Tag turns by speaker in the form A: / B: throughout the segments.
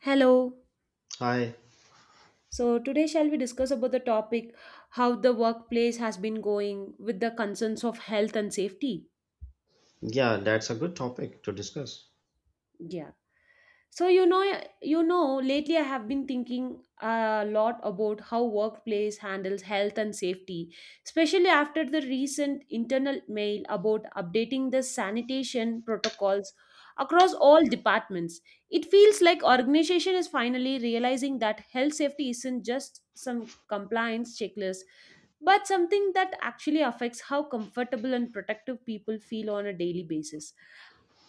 A: Hello.
B: Hi,
A: So today shall we discuss about the topic how the workplace has been going with the concerns of health and safety?
B: yeah, that's a good topic to discuss.
A: Yeah. So lately I have been thinking a lot about how workplace handles health and safety, especially after the recent internal mail about updating the sanitation protocols across all departments. It feels like organization is finally realizing that health safety isn't just some compliance checklist, but something that actually affects how comfortable and protective people feel on a daily basis.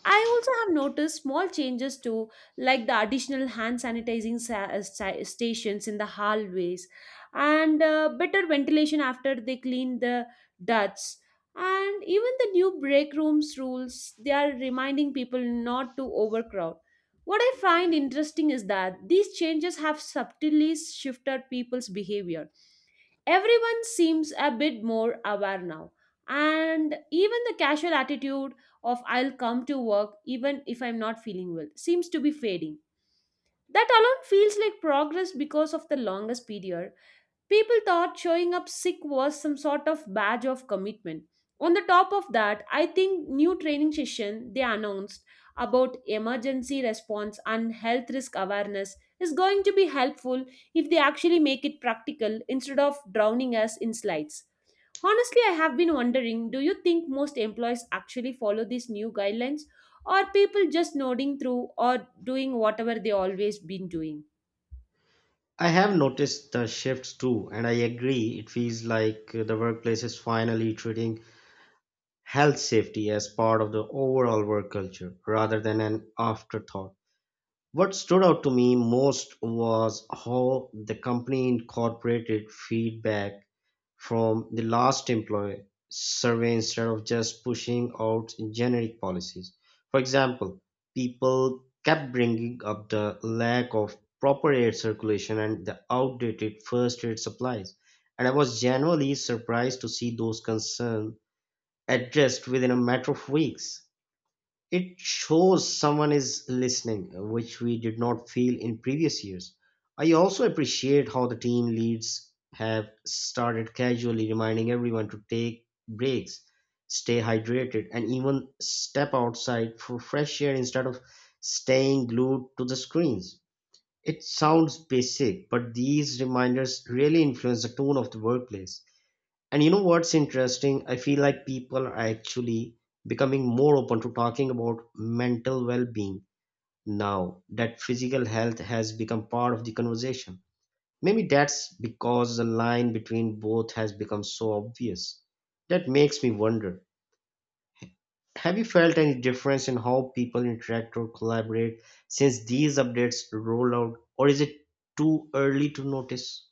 A: I also have noticed small changes too, like the additional hand sanitizing stations in the hallways, and better ventilation after they clean the ducts, and even the new break rooms rules they are reminding people not to overcrowd. What I find interesting is that these changes have subtly shifted people's behavior. Everyone seems a bit more aware now, and even the casual attitude of I'll come to work even if I'm not feeling well seems to be fading. That alone feels like progress because of the longest period. People thought showing up sick was some sort of badge of commitment. On the top of that, I think new training session they announced about emergency response and health risk awareness is going to be helpful if they actually make it practical instead of drowning us in slides. Honestly, I have been wondering, do you think most employees actually follow these new guidelines, or people just nodding through or doing whatever they always been doing?
B: I have noticed the shifts too, and I agree. It feels like the workplace is finally treating health safety as part of the overall work culture rather than an afterthought. What stood out to me most was how the company incorporated feedback from the last employee survey instead of just pushing out generic policies. For example, people kept bringing up the lack of proper air circulation and the outdated first aid supplies. And I was genuinely surprised to see those concerns addressed within a matter of weeks. It shows someone is listening, which we did not feel in previous years. I also appreciate how the team leads have started casually reminding everyone to take breaks, stay hydrated, and even step outside for fresh air instead of staying glued to the screens. It sounds basic, but these reminders really influence the tone of the workplace. And you know what's interesting? I feel like people are actually becoming more open to talking about mental well being now that physical health has become part of the conversation. Maybe that's because the line between both has become so obvious. That makes me wonder, have you felt any difference in how people interact or collaborate since these updates roll out, or is it too early to notice?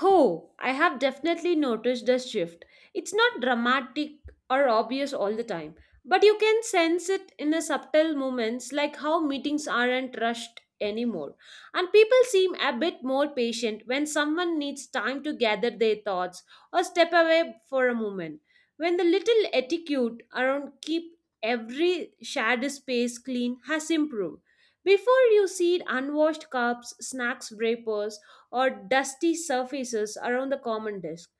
A: Oh, I have definitely noticed the shift. It's not dramatic or obvious all the time, but you can sense it in the subtle moments like how meetings aren't rushed anymore. And people seem a bit more patient when someone needs time to gather their thoughts or step away for a moment. When the little etiquette around keep every shared space clean has improved. Before you see unwashed cups, snacks wrappers, or dusty surfaces around the common desk.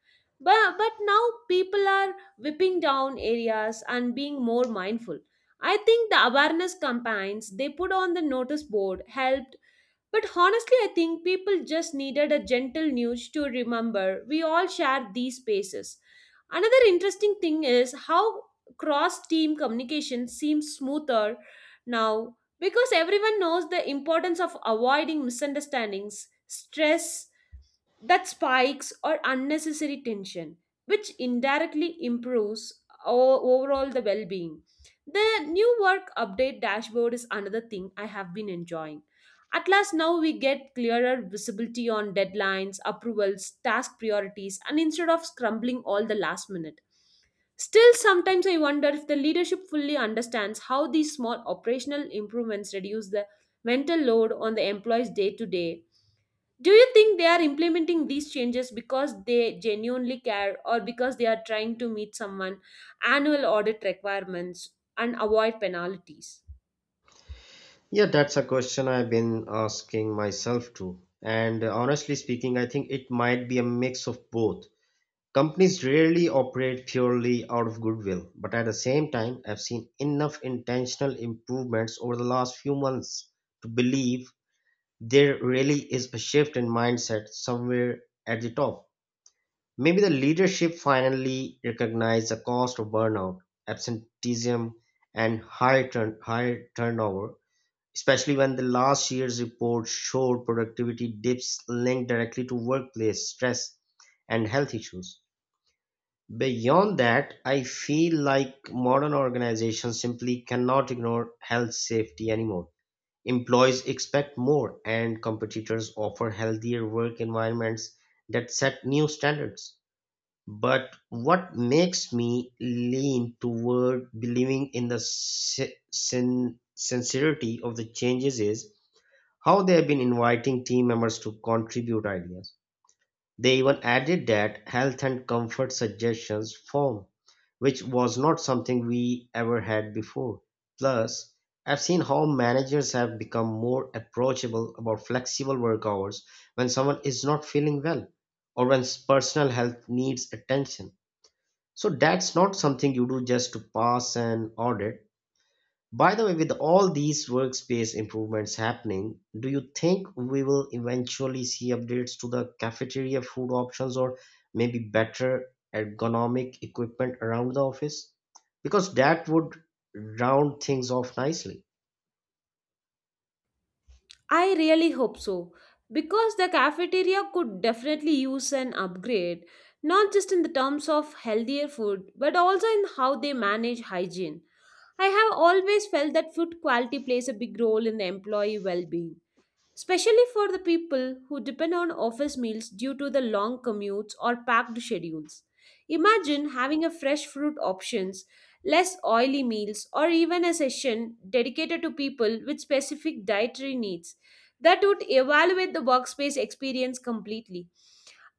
A: But now people are whipping down areas and being more mindful. I think the awareness campaigns they put on the notice board helped, but honestly, I think people just needed a gentle nudge to remember we all share these spaces. Another interesting thing is how cross team communication seems smoother now, because everyone knows the importance of avoiding misunderstandings, stress, that spikes or unnecessary tension, which indirectly improves overall the well-being. The new work update dashboard is another thing I have been enjoying. At last, now we get clearer visibility on deadlines, approvals, task priorities, and instead of scrambling all the last minute. Still, sometimes I wonder if the leadership fully understands how these small operational improvements reduce the mental load on the employees day to day. Do you think they are implementing these changes because they genuinely care, or because they are trying to meet someone annual audit requirements and avoid penalties?
B: Yeah, that's a question I've been asking myself too. And honestly speaking, I think it might be a mix of both. Companies rarely operate purely out of goodwill, but at the same time, I've seen enough intentional improvements over the last few months to believe there really is a shift in mindset somewhere at the top. Maybe the leadership finally recognized the cost of burnout, absenteeism, and high turnover, especially when the last year's report showed productivity dips linked directly to workplace stress and health issues. Beyond that, I feel like modern organizations simply cannot ignore health safety anymore. Employees expect more, and competitors offer healthier work environments that set new standards. But what makes me lean toward believing in the sincerity of the changes is how they have been inviting team members to contribute ideas. They even added that health and comfort suggestions form, which was not something we ever had before. Plus, I've seen how managers have become more approachable about flexible work hours when someone is not feeling well or when personal health needs attention. So that's not something you do just to pass an audit. By the way, with all these workspace improvements happening, do you think we will eventually see updates to the cafeteria food options or maybe better ergonomic equipment around the office? Because that would round things off nicely.
A: I really hope so, because the cafeteria could definitely use an upgrade, not just in the terms of healthier food but also in how they manage hygiene. I have always felt that food quality plays a big role in the employee well-being, especially for the people who depend on office meals due to the long commutes or packed schedules. Imagine having a fresh fruit options, less oily meals, or even a session dedicated to people with specific dietary needs that would evaluate the workspace experience completely.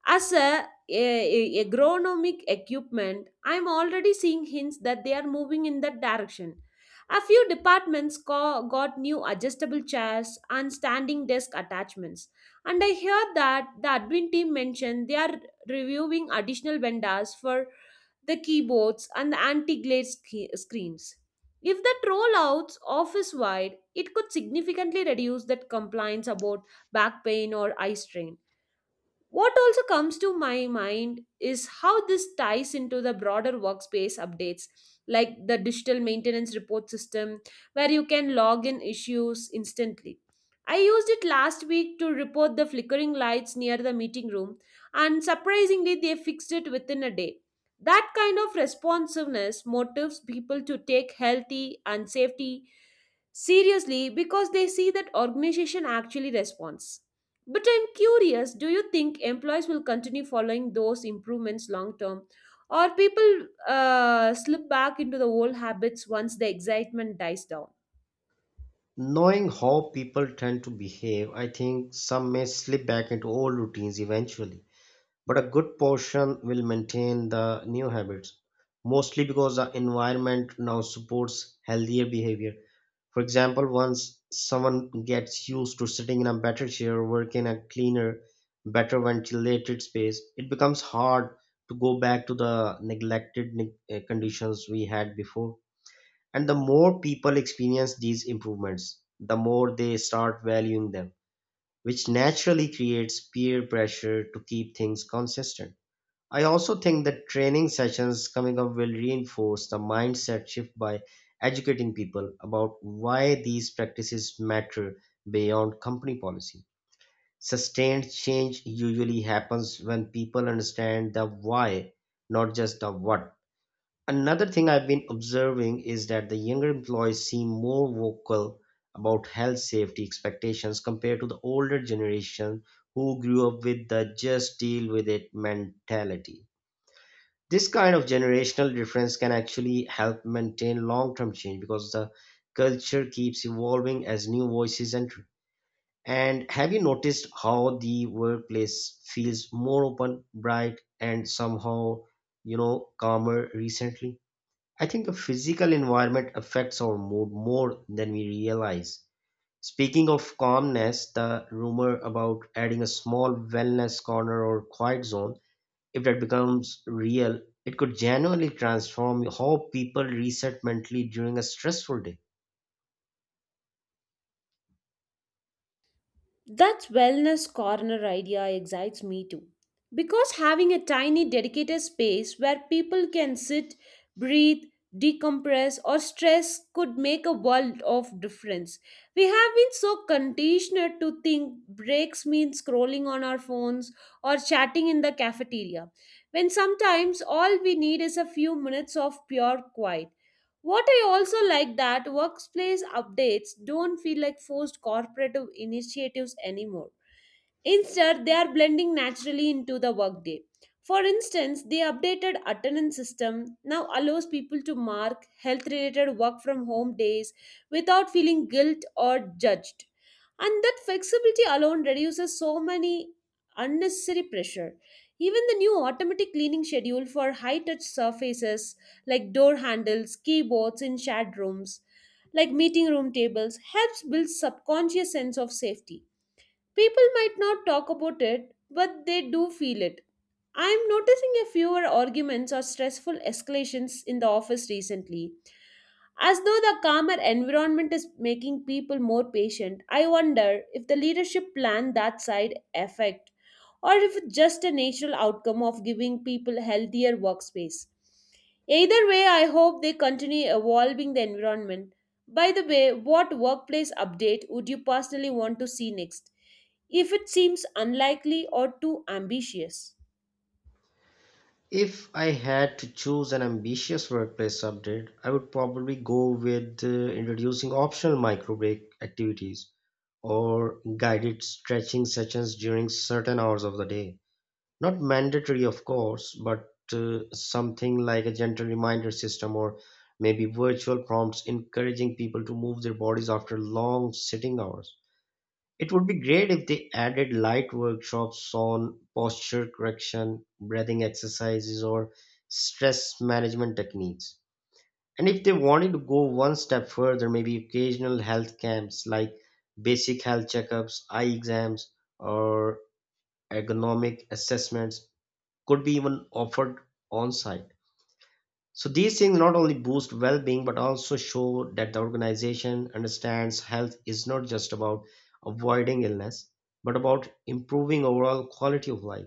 A: As a agronomic equipment, I'm already seeing hints that they are moving in that direction. A few departments got new adjustable chairs and standing desk attachments. And I hear that the admin team mentioned they are reviewing additional vendors for the keyboards and the anti glare screens. If that rollouts office wide, it could significantly reduce that complaints about back pain or eye strain. What also comes to my mind is how this ties into the broader workspace updates, like the digital maintenance report system, where you can log in issues instantly. I used it last week to report the flickering lights near the meeting room, and surprisingly, they fixed it within a day. That kind of responsiveness motivates people to take healthy and safety seriously, because they see that organization actually responds. But I'm curious, do you think employees will continue following those improvements long term? Or people slip back into the old habits once the excitement dies down?
B: Knowing how people tend to behave, I think some may slip back into old routines eventually, but a good portion will maintain the new habits, mostly because the environment now supports healthier behavior. For example, once someone gets used to sitting in a better chair, working in a cleaner, better ventilated space, it becomes hard to go back to the conditions we had before. And the more people experience these improvements, the more they start valuing them, which naturally creates peer pressure to keep things consistent. I also think that training sessions coming up will reinforce the mindset shift by educating people about why these practices matter beyond company policy. Sustained change usually happens when people understand the why, not just the what. Another thing I've been observing is that the younger employees seem more vocal about health safety expectations compared to the older generation who grew up with the just deal with it mentality. This kind of generational difference can actually help maintain long-term change because the culture keeps evolving as new voices enter. And have you noticed how the workplace feels more open, bright, and somehow, calmer recently? I think the physical environment affects our mood more than we realize. Speaking of calmness, the rumor about adding a small wellness corner or quiet zone, if that becomes real, it could genuinely transform how people reset mentally during a stressful day.
A: That wellness corner idea excites me too. Because having a tiny dedicated space where people can sit, breathe, decompress, or stress could make a world of difference. We have been so conditioned to think breaks mean scrolling on our phones or chatting in the cafeteria, when sometimes all we need is a few minutes of pure quiet. What I also like that workplace updates don't feel like forced corporate initiatives anymore. Instead, they are blending naturally into the workday. For instance, the updated attendance system now allows people to mark health related work from home days without feeling guilt or judged. And that flexibility alone reduces so many unnecessary pressure. Even the new automatic cleaning schedule for high touch surfaces, like door handles, keyboards in shared rooms, like meeting room tables, helps build subconscious sense of safety. People might not talk about it, but they do feel it. I'm noticing a fewer arguments or stressful escalations in the office recently. As though the calmer environment is making people more patient, I wonder if the leadership planned that side effect or if it's just a natural outcome of giving people healthier workspace. Either way, I hope they continue evolving the environment. By the way, what workplace update would you personally want to see next? If it seems unlikely or too ambitious?
B: If I had to choose an ambitious workplace update, I would probably go with introducing optional micro break activities or guided stretching sessions during certain hours of the day. Not mandatory, of course, but something like a gentle reminder system or maybe virtual prompts encouraging people to move their bodies after long sitting hours. It would be great if they added light workshops on posture correction, breathing exercises, or stress management techniques. And if they wanted to go one step further, maybe occasional health camps like basic health checkups, eye exams, or ergonomic assessments could be even offered on site. So these things not only boost well-being but also show that the organization understands health is not just about avoiding illness but about improving overall quality of life.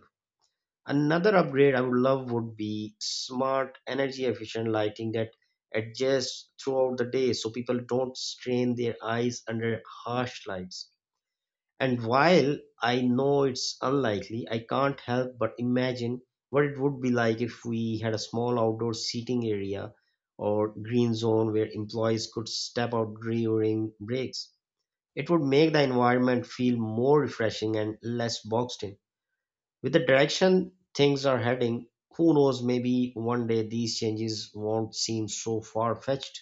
B: Another upgrade I would love would be smart energy efficient lighting that adjusts throughout the day so people don't strain their eyes under harsh lights. And while I know it's unlikely, I can't help but imagine what it would be like if we had a small outdoor seating area or green zone where employees could step out during breaks. It would make the environment feel more refreshing and less boxed in. With the direction things are heading, who knows, maybe one day these changes won't seem so far fetched.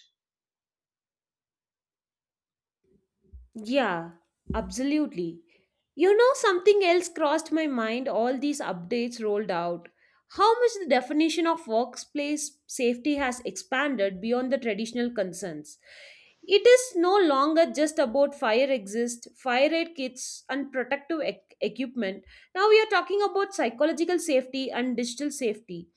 A: Yeah, absolutely. Something else crossed my mind all these updates rolled out. How much the definition of workplace safety has expanded beyond the traditional concerns. It is no longer just about fire exist, fire aid kits, and protective equipment. Now we are talking about psychological safety and digital safety,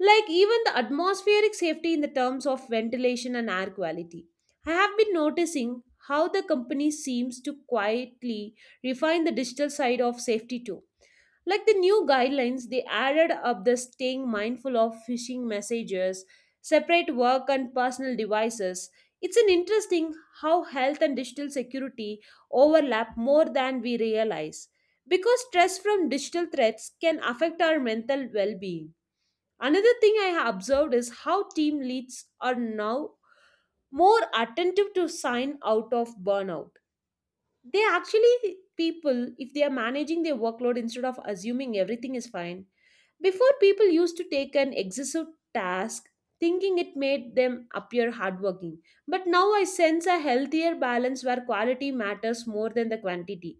A: like even the atmospheric safety in the terms of ventilation and air quality. I have been noticing how the company seems to quietly refine the digital side of safety too. Like the new guidelines, they added up the staying mindful of phishing messages, separate work and personal devices. It's an interesting how health and digital security overlap more than we realize, because stress from digital threats can affect our mental well-being. Another thing I have observed is how team leads are now more attentive to sign out of burnout. They actually, people, if they are managing their workload instead of assuming everything is fine. Before, people used to take an excessive task thinking it made them appear hardworking. But now I sense a healthier balance where quality matters more than the quantity.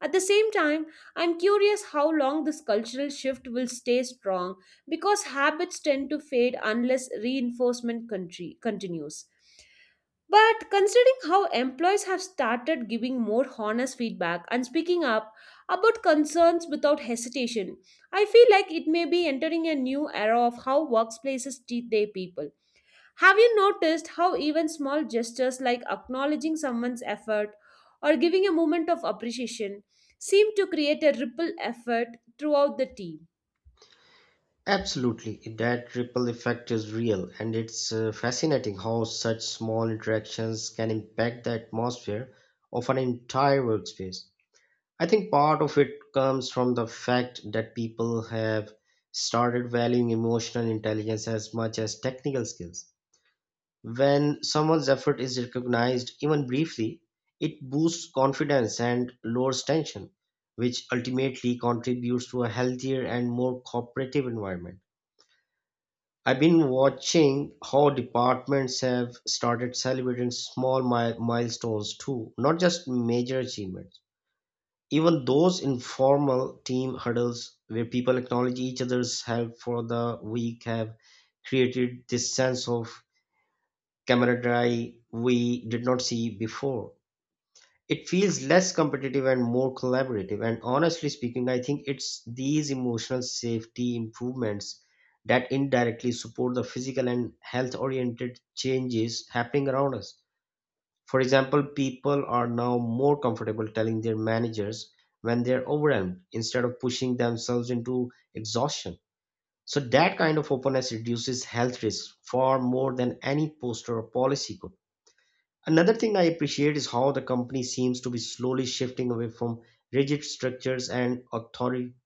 A: At the same time, I'm curious how long this cultural shift will stay strong, because habits tend to fade unless reinforcement country continues. But considering how employees have started giving more honest feedback and speaking up about concerns without hesitation, I feel like it may be entering a new era of how workplaces treat their people. Have you noticed how even small gestures like acknowledging someone's effort or giving a moment of appreciation seem to create a ripple effect throughout the team?
B: Absolutely, that ripple effect is real, and it's fascinating how such small interactions can impact the atmosphere of an entire workspace. I think part of it comes from the fact that people have started valuing emotional intelligence as much as technical skills. When someone's effort is recognized, even briefly, it boosts confidence and lowers tension, which ultimately contributes to a healthier and more cooperative environment. I've been watching how departments have started celebrating small milestones too, not just major achievements. Even those informal team huddles where people acknowledge each other's help for the week have created this sense of camaraderie we did not see before. It feels less competitive and more collaborative. And honestly speaking, I think it's these emotional safety improvements that indirectly support the physical and health oriented changes happening around us. For example, people are now more comfortable telling their managers when they're overwhelmed instead of pushing themselves into exhaustion. So, that kind of openness reduces health risks far more than any poster or policy could. Another thing I appreciate is how the company seems to be slowly shifting away from rigid structures and authoritarian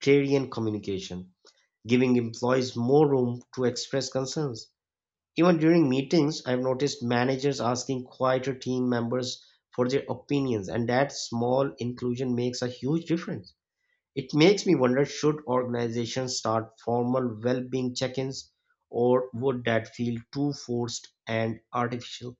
B: communication, giving employees more room to express concerns. Even during meetings, I've noticed managers asking quieter team members for their opinions, and that small inclusion makes a huge difference. It makes me wonder, should organizations start formal well being check ins, or would that feel too forced and artificial?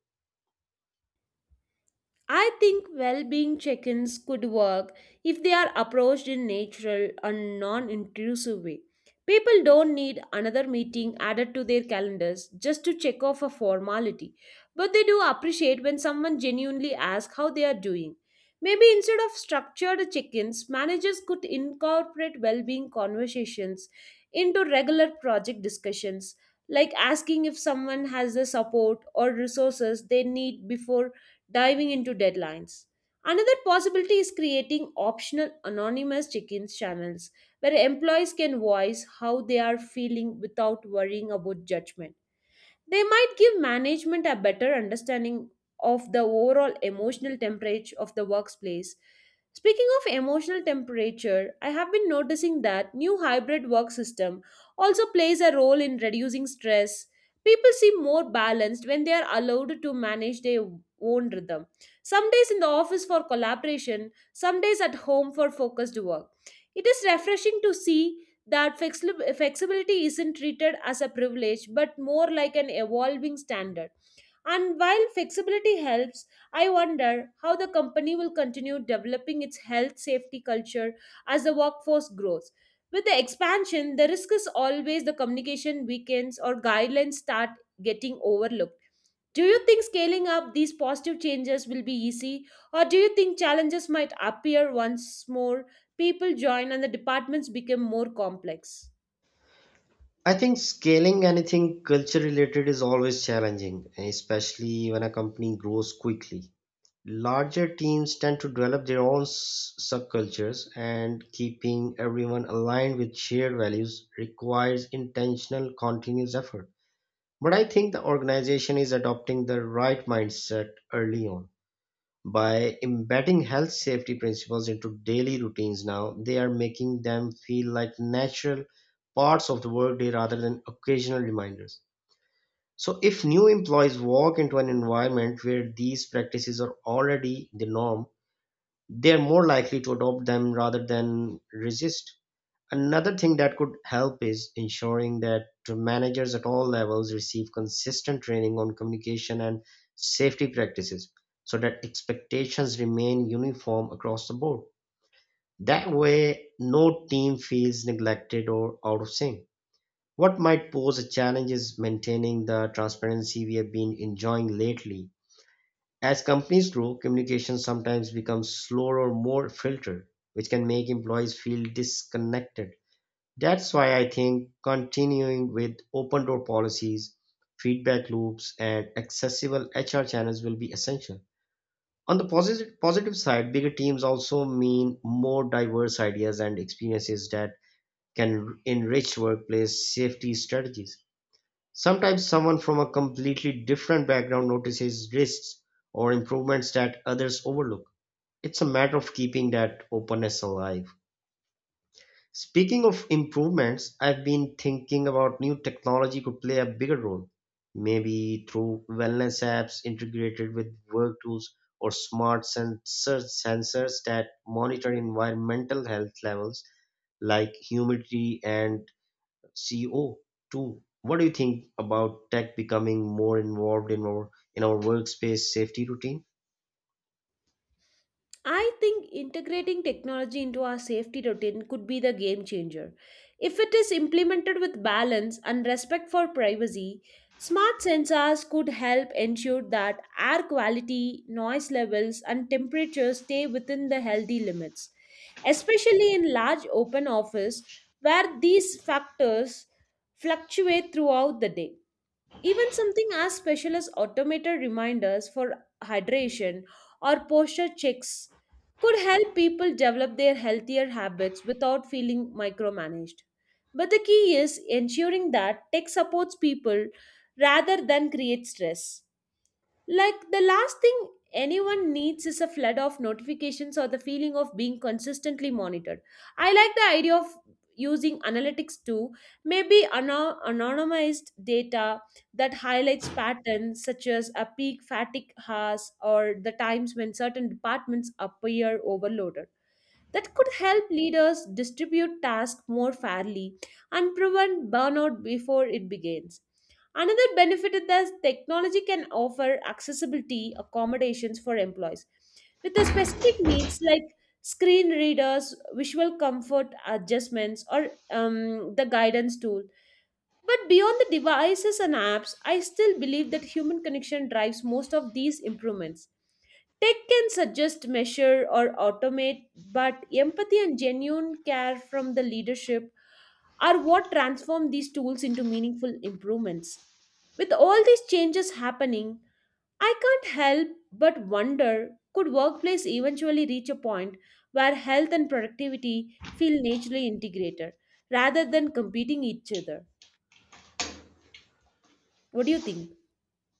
A: I think well being check ins could work if they are approached in natural and non intrusive way. People don't need another meeting added to their calendars just to check off a formality, but they do appreciate when someone genuinely asks how they are doing. Maybe instead of structured check ins, managers could incorporate well being conversations into regular project discussions, like asking if someone has the support or resources they need before diving into deadlines. Another possibility is creating optional anonymous check in channels where employees can voice how they are feeling without worrying about judgment. They might give management a better understanding of the overall emotional temperature of the workplace. Speaking of emotional temperature, I have been noticing that new hybrid work system also plays a role in reducing stress. People seem more balanced when they are allowed to manage their own rhythm. Some days in the office for collaboration, some days at home for focused work. It is refreshing to see that flexibility isn't treated as a privilege but more like an evolving standard. And while flexibility helps, I wonder how the company will continue developing its health safety culture as the workforce grows. With the expansion, the risk is always the communication weakens or guidelines start getting overlooked. Do you think scaling up these positive changes will be easy, or do you think challenges might appear once more people join and the departments become more complex?
B: I think scaling anything culture related is always challenging, especially when a company grows quickly. Larger teams tend to develop their own subcultures, and keeping everyone aligned with shared values requires intentional, continuous effort. But I think the organization is adopting the right mindset early on by embedding health safety principles into daily routines. Now they are making them feel like natural parts of the workday rather than occasional reminders, so if new employees walk into an environment where these practices are already the norm, they are more likely to adopt them rather than resist. Another thing that could help is ensuring that managers at all levels receive consistent training on communication and safety practices so that expectations remain uniform across the board. That way, no team feels neglected or out of sync. What might pose a challenge is maintaining the transparency we have been enjoying lately. As companies grow, communication sometimes becomes slower or more filtered, which can make employees feel disconnected. That's why I think continuing with open door policies, feedback loops, and accessible HR channels will be essential. On the positive side, bigger teams also mean more diverse ideas and experiences that can enrich workplace safety strategies. Sometimes someone from a completely different background notices risks or improvements that others overlook. It's a matter of keeping that openness alive. Speaking of improvements, I've been thinking about new technology could play a bigger role, maybe through wellness apps integrated with work tools or smart sensors that monitor environmental health levels like humidity and CO2. What do you think about tech becoming more involved in our workspace safety routine?
A: I think integrating technology into our safety routine could be the game changer. If it is implemented with balance and respect for privacy, smart sensors could help ensure that air quality, noise levels, and temperatures stay within the healthy limits, especially in large open office where these factors fluctuate throughout the day. Even something as special as automated reminders for hydration or posture checks could help people develop their healthier habits without feeling micromanaged. But the key is ensuring that tech supports people rather than create stress. Like the last thing anyone needs is a flood of notifications or the feeling of being consistently monitored. I like the idea of using analytics too, maybe anonymized data that highlights patterns such as a peak fatigue hours or the times when certain departments appear overloaded. That could help leaders distribute tasks more fairly and prevent burnout before it begins. Another benefit is that technology can offer accessibility accommodations for employees with the specific needs like screen readers, visual comfort adjustments, or the guidance tool. But beyond the devices and apps, I still believe that human connection drives most of these improvements. Tech can suggest, measure, or automate, but empathy and genuine care from the leadership are what transform these tools into meaningful improvements. With all these changes happening, I can't help but wonder, could workplace eventually reach a point where health and productivity feel naturally integrated rather than competing each other? What do you think?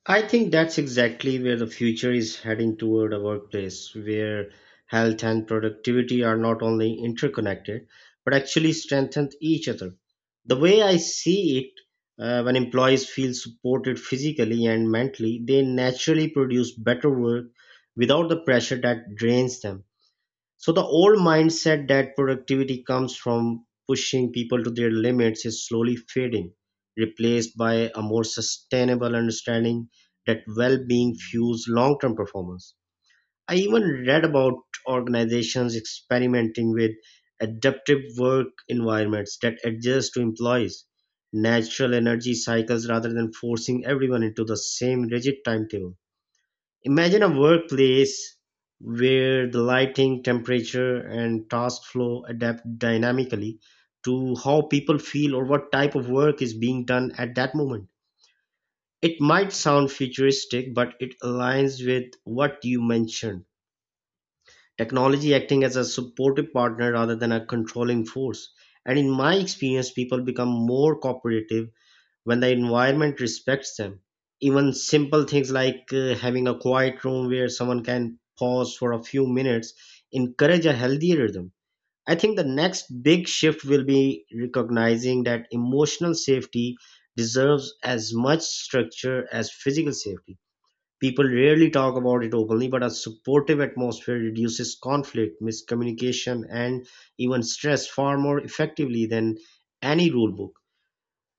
B: I think that's exactly where the future is heading, toward a workplace where health and productivity are not only interconnected but actually strengthen each other. The way I see it, when employees feel supported physically and mentally, they naturally produce better work without the pressure that drains them. So the old mindset that productivity comes from pushing people to their limits is slowly fading, replaced by a more sustainable understanding that well-being fuels long-term performance. I even read about organizations experimenting with adaptive work environments that adjust to employees natural energy cycles rather than forcing everyone into the same rigid timetable. Imagine a workplace where the lighting, temperature, and task flow adapt dynamically to how people feel or what type of work is being done at that moment. It might sound futuristic, but it aligns with what you mentioned, technology acting as a supportive partner rather than a controlling force. And in my experience, people become more cooperative when the environment respects them. Even simple things like having a quiet room where someone can pause for a few minutes encourage a healthy rhythm. I think the next big shift will be recognizing that emotional safety deserves as much structure as physical safety. People rarely talk about it openly, but a supportive atmosphere reduces conflict, miscommunication, and even stress far more effectively than any rule book.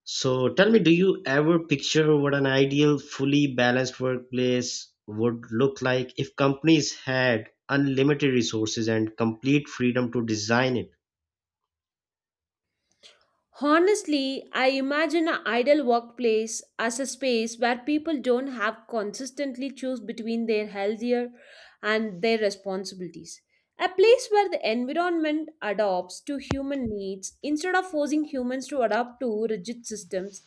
B: So tell me, do you ever picture what an ideal, fully balanced workplace would look like if companies had unlimited resources and complete freedom to design it?
A: Honestly, I imagine an ideal workplace as a space where people don't have consistently choose between their healthier and their responsibilities. A place where the environment adapts to human needs instead of forcing humans to adapt to rigid systems.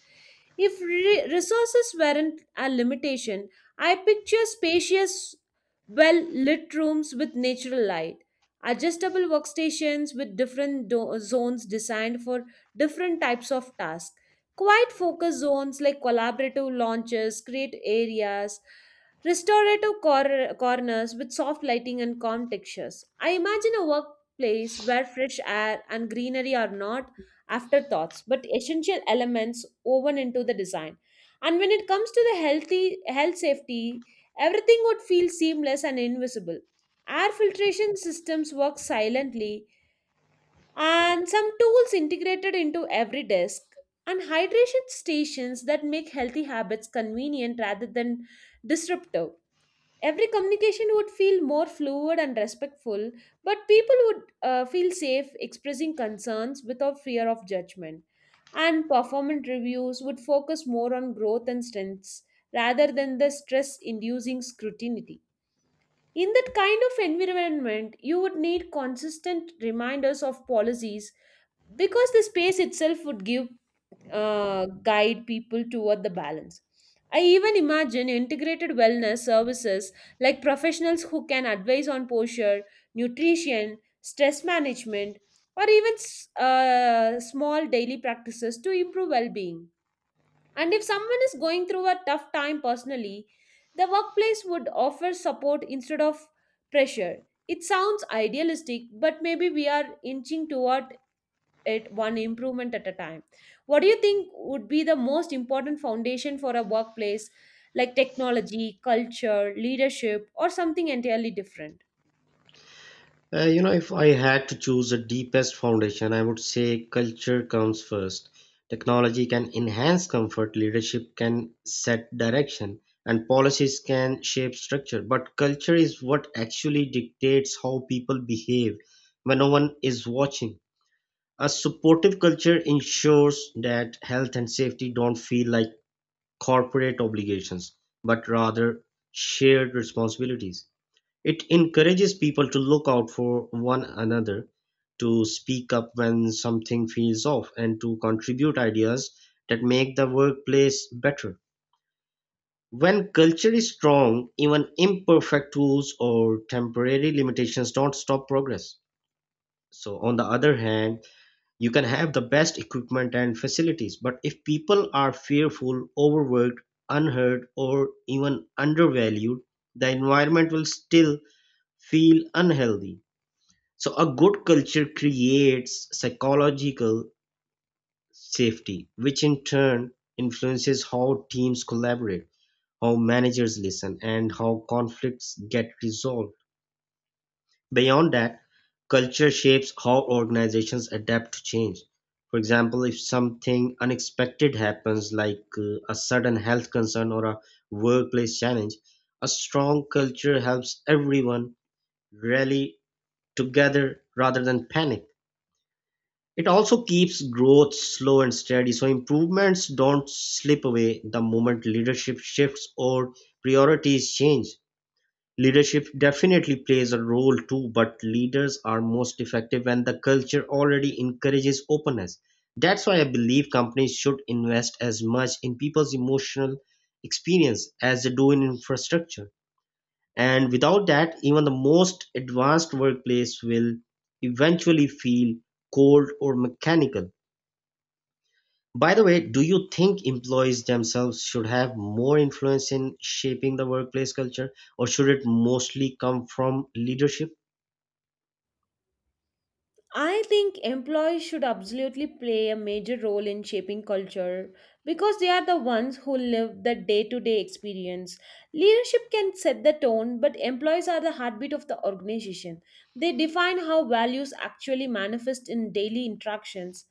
A: If resources weren't a limitation, I picture spacious, well lit rooms with natural light, adjustable workstations with different zones designed for different types of tasks. Quiet focus zones like collaborative launches create areas, restorative corners with soft lighting and calm textures. I imagine a workplace where fresh air and greenery are not afterthoughts but essential elements woven into the design. And when it comes to the healthy health safety, everything would feel seamless and invisible. Air filtration systems work silently, and some tools integrated into every desk and hydration stations that make healthy habits convenient rather than disruptive. Every communication would feel more fluid and respectful, but people would feel safe expressing concerns without fear of judgment, and performance reviews would focus more on growth and strengths rather than the stress inducing scrutiny. In that kind of environment you would need consistent reminders of policies, because the space itself would give, guide people toward the balance. I even imagine integrated wellness services like professionals who can advise on posture, nutrition, stress management, or even small daily practices to improve well-being. And if someone is going through a tough time personally, the workplace would offer support instead of pressure. It sounds idealistic, but maybe we are inching toward it one improvement at a time. What do you think would be the most important foundation for a workplace, like technology, culture, leadership, or something entirely different?
B: If I had to choose the deepest foundation, I would say culture comes first. Technology can enhance comfort, leadership can set direction, and policies can shape structure. But culture is what actually dictates how people behave when no one is watching. A supportive culture ensures that health and safety don't feel like corporate obligations, but rather shared responsibilities. It encourages people to look out for one another, to speak up when something feels off, and to contribute ideas that make the workplace better. When culture is strong, even imperfect rules or temporary limitations don't stop progress. So, on the other hand, you can have the best equipment and facilities, but if people are fearful, overworked, unheard, or even undervalued, the environment will still feel unhealthy. So, a good culture creates psychological safety, which in turn influences how teams collaborate, how managers listen, and how conflicts get resolved. Beyond that, culture shapes how organizations adapt to change. For example, if something unexpected happens, like a sudden health concern or a workplace challenge, a strong culture helps everyone rally together rather than panic. It also keeps growth slow and steady, so improvements don't slip away the moment leadership shifts or priorities change. Leadership definitely plays a role too, but leaders are most effective when the culture already encourages openness. That's why I believe companies should invest as much in people's emotional experience as they do in infrastructure. And without that, even the most advanced workplace will eventually feel cold or mechanical. By the way, do you think employees themselves should have more influence in shaping the workplace culture, or should it mostly come from leadership?
A: I think employees should absolutely play a major role in shaping culture because they are the ones who live the day to day experience. Leadership can set the tone, but employees are the heartbeat of the organization. They define how values actually manifest in daily interactions.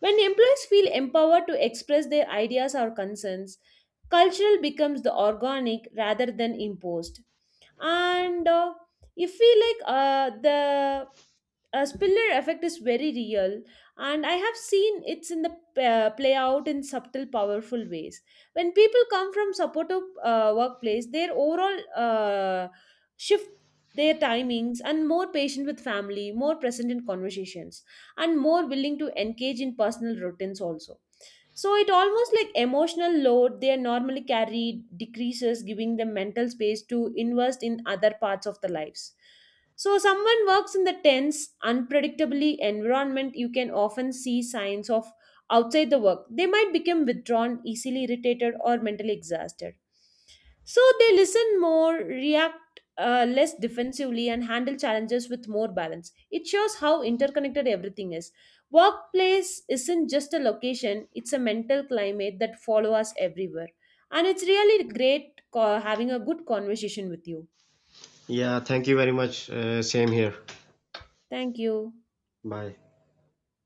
A: When employees feel empowered to express their ideas or concerns, cultural becomes the organic rather than imposed. And if we like, the a spiller effect is very real, and I have seen it's in the, play out in subtle powerful ways. When people come from supportive, workplace, their overall, shift their timings and more patient with family, more present in conversations, and more willing to engage in personal routines also. So it almost like emotional load they normally carry decreases, giving them mental space to invest in other parts of the lives. So someone works in the tense, unpredictably environment, you can often see signs of outside the work. They might become withdrawn, easily irritated, or mentally exhausted. So they listen more, react less defensively, and handle challenges with more balance. It shows how interconnected everything is. Workplace isn't just a location, it's a mental climate that follows us everywhere. And it's really great having a good conversation with you.
B: Yeah, thank you very much. Same here.
A: Thank you.
B: Bye.